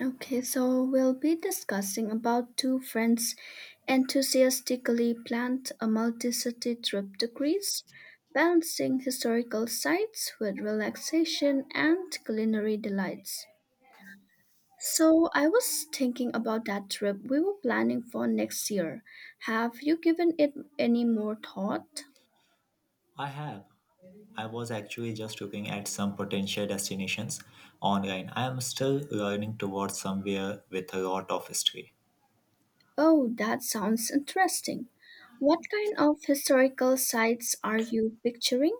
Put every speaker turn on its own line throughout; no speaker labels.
Okay, so we'll be discussing about two friends enthusiastically planned a multi-city trip to Greece, balancing historical sites with relaxation and culinary delights. So I was thinking about that trip we were planning for next year. Have you given it any more thought?
I have. I was actually just looking at some potential destinations online. I am still learning towards somewhere with a lot of history.
Oh, that sounds interesting. What kind of historical sites are you picturing?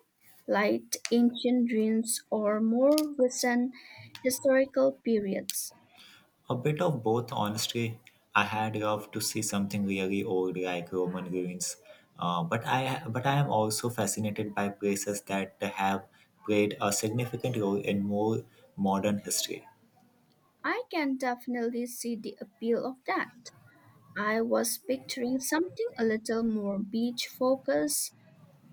Like ancient ruins or more recent historical periods?
A bit of both, honestly. I had loved to see something really old like Roman ruins, but I am also fascinated by places that have played a significant role in more modern history.
I can definitely see the appeal of that. I was picturing something a little more beach focused,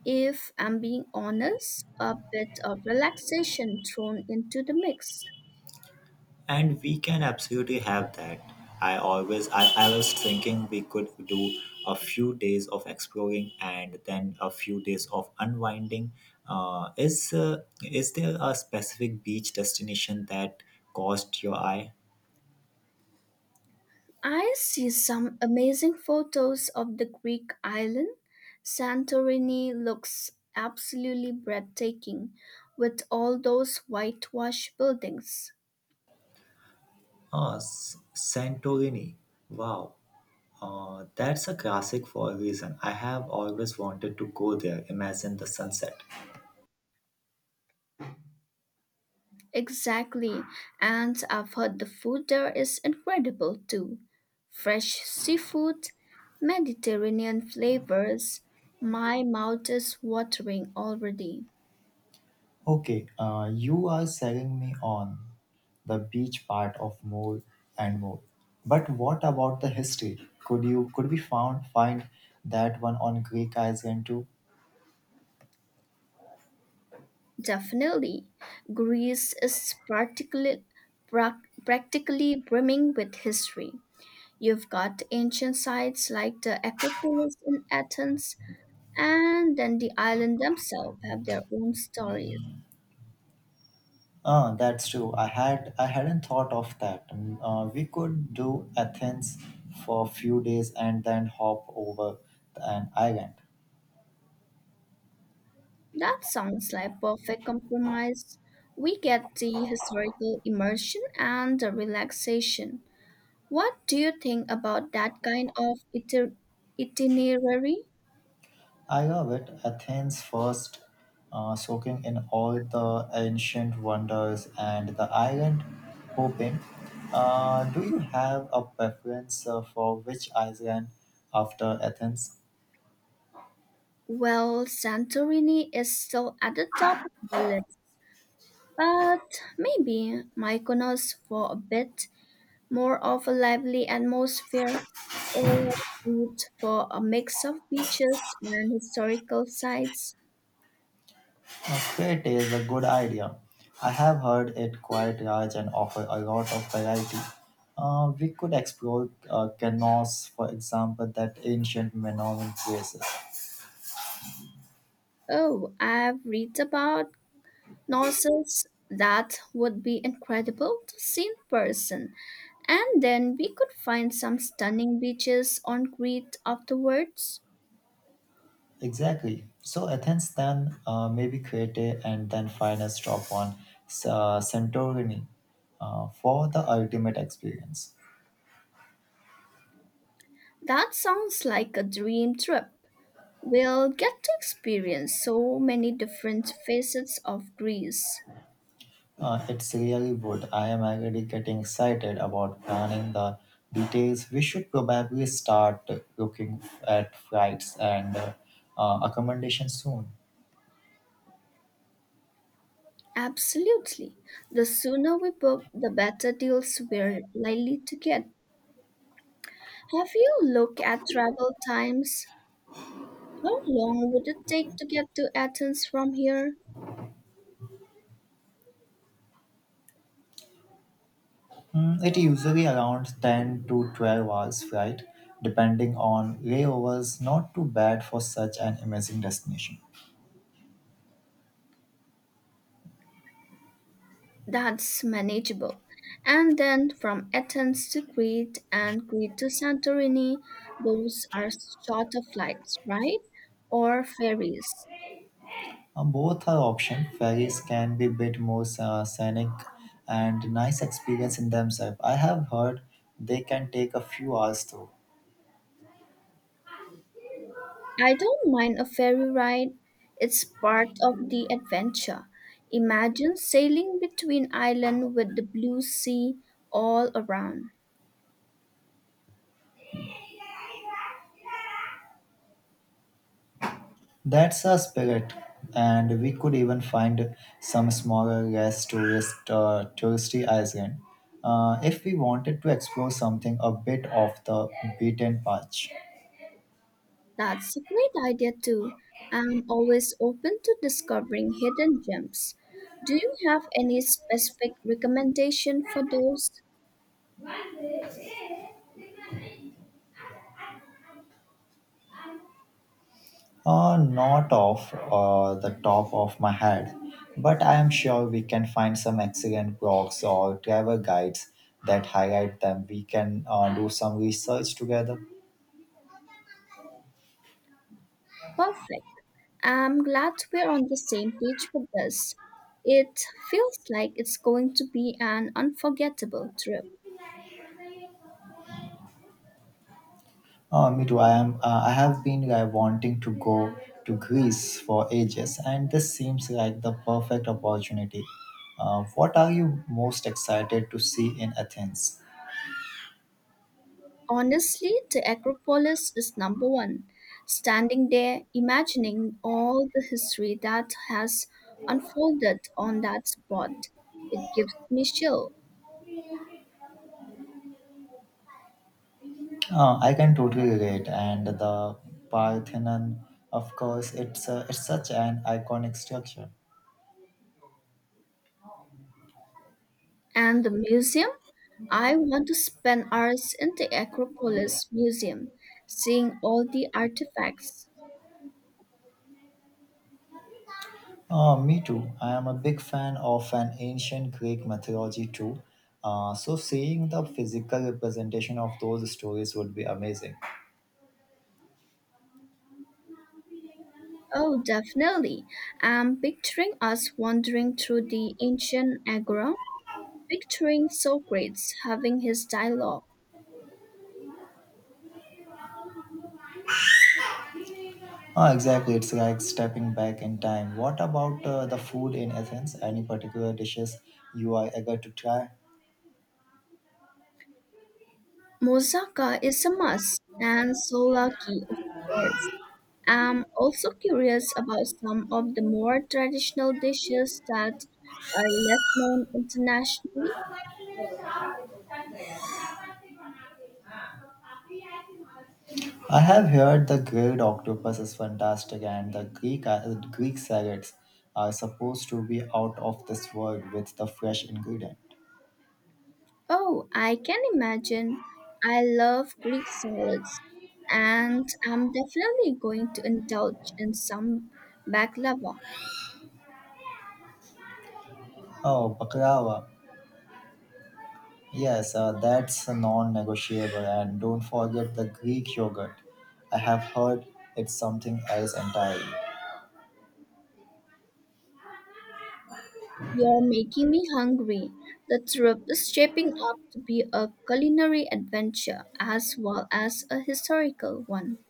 if I'm being honest, a bit of relaxation thrown into the mix.
And we can absolutely have that. I was thinking we could do a few days of exploring and then a few days of unwinding. Is there a specific beach destination that caught your eye?
I see some amazing photos of the Greek island. Santorini looks absolutely breathtaking with all those whitewashed buildings.
Santorini. Wow, that's a classic for a reason. I have always wanted to go there. Imagine the sunset.
Exactly, and I've heard the food there is incredible too. Fresh seafood, Mediterranean flavors. My mouth is watering already.
Okay, you are selling me on the beach part of more and more. But what about the history? Could we found find that one on Greek Island too?
Definitely. Greece is particularly, practically brimming with history. You've got ancient sites like the Acropolis in Athens, and then the island themselves have their own stories.
That's true. I hadn't thought of that. We could do Athens for a few days and then hop over the- an island.
That sounds like perfect compromise. We get the historical immersion and the relaxation. What do you think about that kind of itinerary?
I love it. Athens first, soaking in all the ancient wonders and the island hopping. Do you have a preference for which island after Athens?
Well, Santorini is still at the top of the list, but maybe Mykonos for a bit more of a lively atmosphere, or Crete for a mix of beaches and historical sites.
Crete is a good idea. I have heard it quite large and offer a lot of variety. We could explore Kenos, for example, that ancient Minoan places.
Oh, I've read about Knossos that would be incredible to see in person, and then we could find some stunning beaches on Crete afterwards.
Exactly. So Athens then maybe Crete and then final stop on Santorini for the ultimate experience.
That sounds like a dream trip. We'll get to experience so many different facets of Greece.
It's really good. I am already getting excited about planning the details. We should probably start looking at flights and accommodation soon.
Absolutely. The sooner we book, the better deals we're likely to get. Have you looked at travel times? How long would it take to get to Athens from here?
It usually around 10 to 12 hours flight, depending on layovers. Not too bad for such an amazing destination.
That's manageable. And then from Athens to Crete and Crete to Santorini, those are shorter flights, right? Or ferries.
Both are option. Ferries can be bit more scenic and nice experience in themselves. I have heard they can take a few hours too.
I don't mind a ferry ride. It's part of the adventure. Imagine sailing between islands with the blue sea all around.
That's a spirit, and we could even find some smaller, less touristy island if we wanted to explore something a bit off the beaten path.
That's a great idea too. I'm always open to discovering hidden gems. Do you have any specific recommendation for those?
Not off the top of my head, but I am sure we can find some excellent blogs or travel guides that highlight them. We can do some research together.
Perfect. I'm glad we're on the same page with this. It feels like it's going to be an unforgettable trip.
Me too. I am. I have been wanting to go to Greece for ages, and this seems like the perfect opportunity. What are you most excited to see in Athens?
Honestly, the Acropolis is number one. Standing there, imagining all the history that has unfolded on that spot, it gives me chill.
I can totally relate, and the Parthenon, of course, it's such an iconic structure.
And the museum? I want to spend hours in the Acropolis Museum, seeing all the artifacts.
Me too. I am a big fan of an ancient Greek mythology too. So seeing the physical representation of those stories would be amazing.
Oh, definitely. I'm picturing us wandering through the ancient agora, picturing Socrates having his dialogue.
Exactly, it's like stepping back in time. What about the food in Athens? Any particular dishes you are eager to try?
Moussaka is a must, and souvlaki, of course. I'm also curious about some of the more traditional dishes that are less known internationally.
I have heard the grilled octopus is fantastic, and the Greek salads are supposed to be out of this world with the fresh ingredient.
Oh, I can imagine. I love Greek salads, and I'm definitely going to indulge in some baklava.
Oh, baklava. Yes, that's non-negotiable, and don't forget the Greek yogurt. I have heard it's something else entirely.
You're making me hungry. The trip is shaping up to be a culinary adventure as well as a historical one.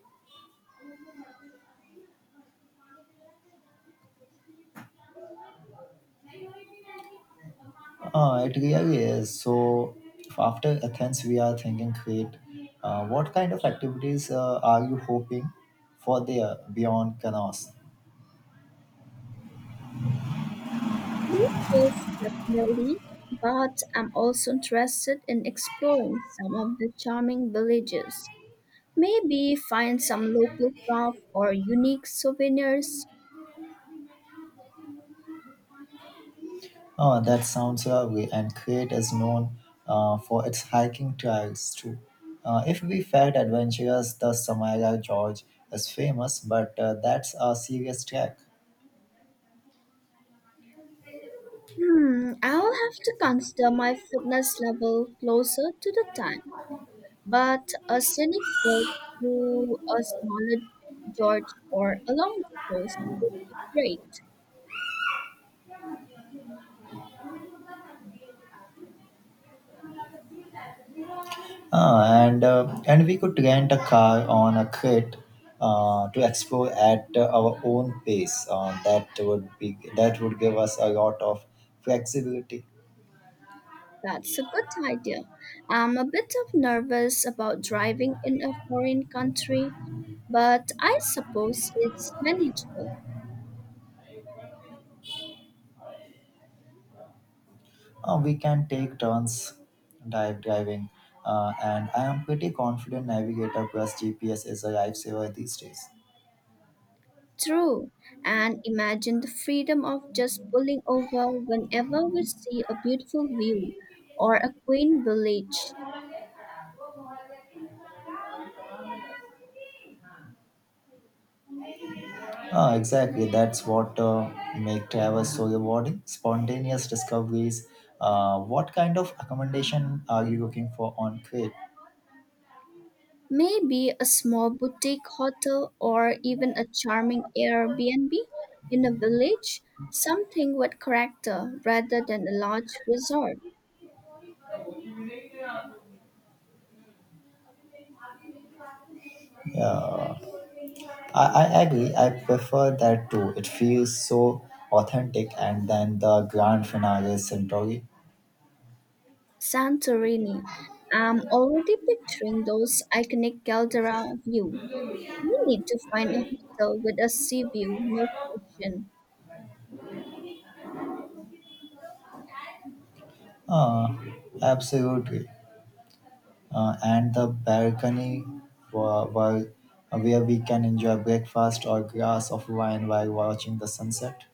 Oh, it really is. So, after Athens, we are thinking Crete. What kind of activities are you hoping for there beyond canoes?
Yes, definitely. But I'm also interested in exploring some of the charming villages. Maybe find some local craft or unique souvenirs.
Oh, that sounds lovely, and Crete is known for its hiking trails too. If we felt adventurous, the Samara Gorge is famous, but that's a serious trek.
Hmm, I'll have to consider my fitness level closer to the time. But a scenic walk through a smaller gorge or along the coast would be great.
And we could rent a car on a Crete to explore at our own pace. That would be that would give us a lot of flexibility.
That's a good idea. I'm a bit of nervous about driving in a foreign country, but I suppose it's manageable.
We can take turns dive diving, and I am pretty confident Navigator plus GPS is a lifesaver these days.
True. And imagine the freedom of just pulling over whenever we see a beautiful view or a quaint village.
Exactly, that's what make travel so rewarding. Spontaneous discoveries. What kind of accommodation are you looking for on Crete?
Maybe a small boutique hotel or even a charming Airbnb in a village, something with character rather than a large resort.
Yeah, I, I agree. I prefer that too. It feels so authentic, and then the grand finale is centrally.
Santorini. I'm already picturing those iconic caldera view. We need to find a hotel with a sea view, no question.
Uh, Absolutely. And the balcony where, where where we can enjoy breakfast or glass of wine while watching the sunset.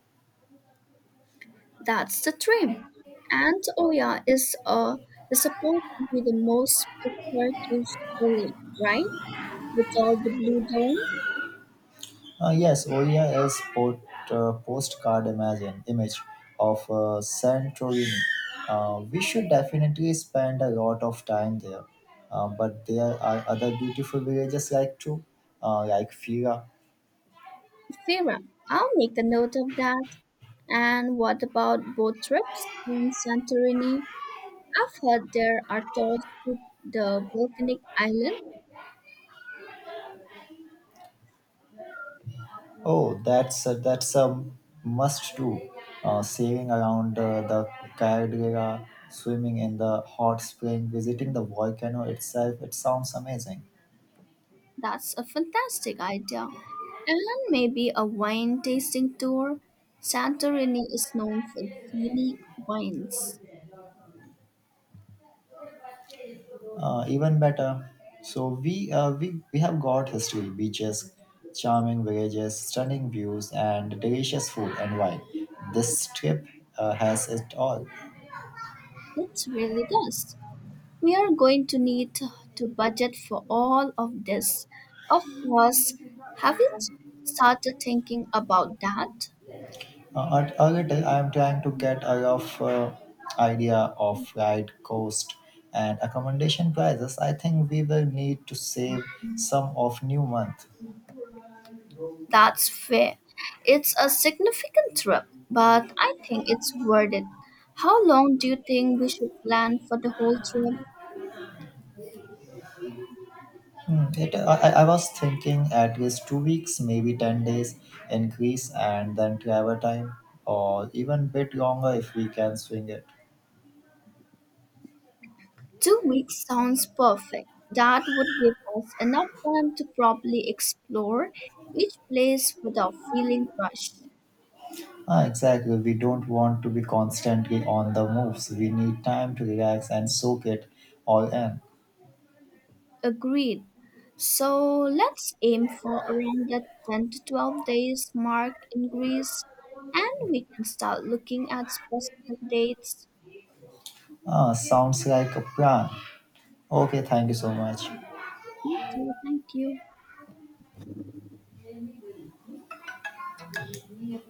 That's the dream. And Oya is supposed to be the most picturesque village, right? With all the blue dome.
Yes, Oria is port, image of Santorini. We should definitely spend a lot of time there. But there are other beautiful villages like too, like Fira.
Fira, I'll make a note of that. And what about boat trips in Santorini? I've heard there are tours to the volcanic island.
Oh, that's a must do. Sailing around the Caldera, swimming in the hot spring, visiting the volcano itself. It sounds amazing.
That's a fantastic idea. And maybe a wine tasting tour. Santorini is known for its unique wines.
Even better. So we have got history, beaches, charming villages, stunning views, and delicious food and wine. This trip has it all.
It really does. We are going to need to budget for all of this. Of course, have you started thinking about that?
A little, I am trying to get a rough idea of ride cost and accommodation prices. I think we will need to save some of new month.
That's fair. It's a significant trip, but I think it's worth it. How long do you think we should plan for the whole trip?
Hmm, It, I was thinking at least 2 weeks, maybe 10 days in Greece and then travel time or even bit longer if we can swing it.
2 weeks sounds perfect. That would give us enough time to properly explore each place without feeling rushed.
Ah, exactly. We don't want to be constantly on the moves. We need time to relax and soak it all in.
Agreed. So let's aim for around that 10 to 12 days mark in Greece and we can start looking at specific dates.
Ah, sounds like a plan. Okay, thank you so much.
Me too, thank you.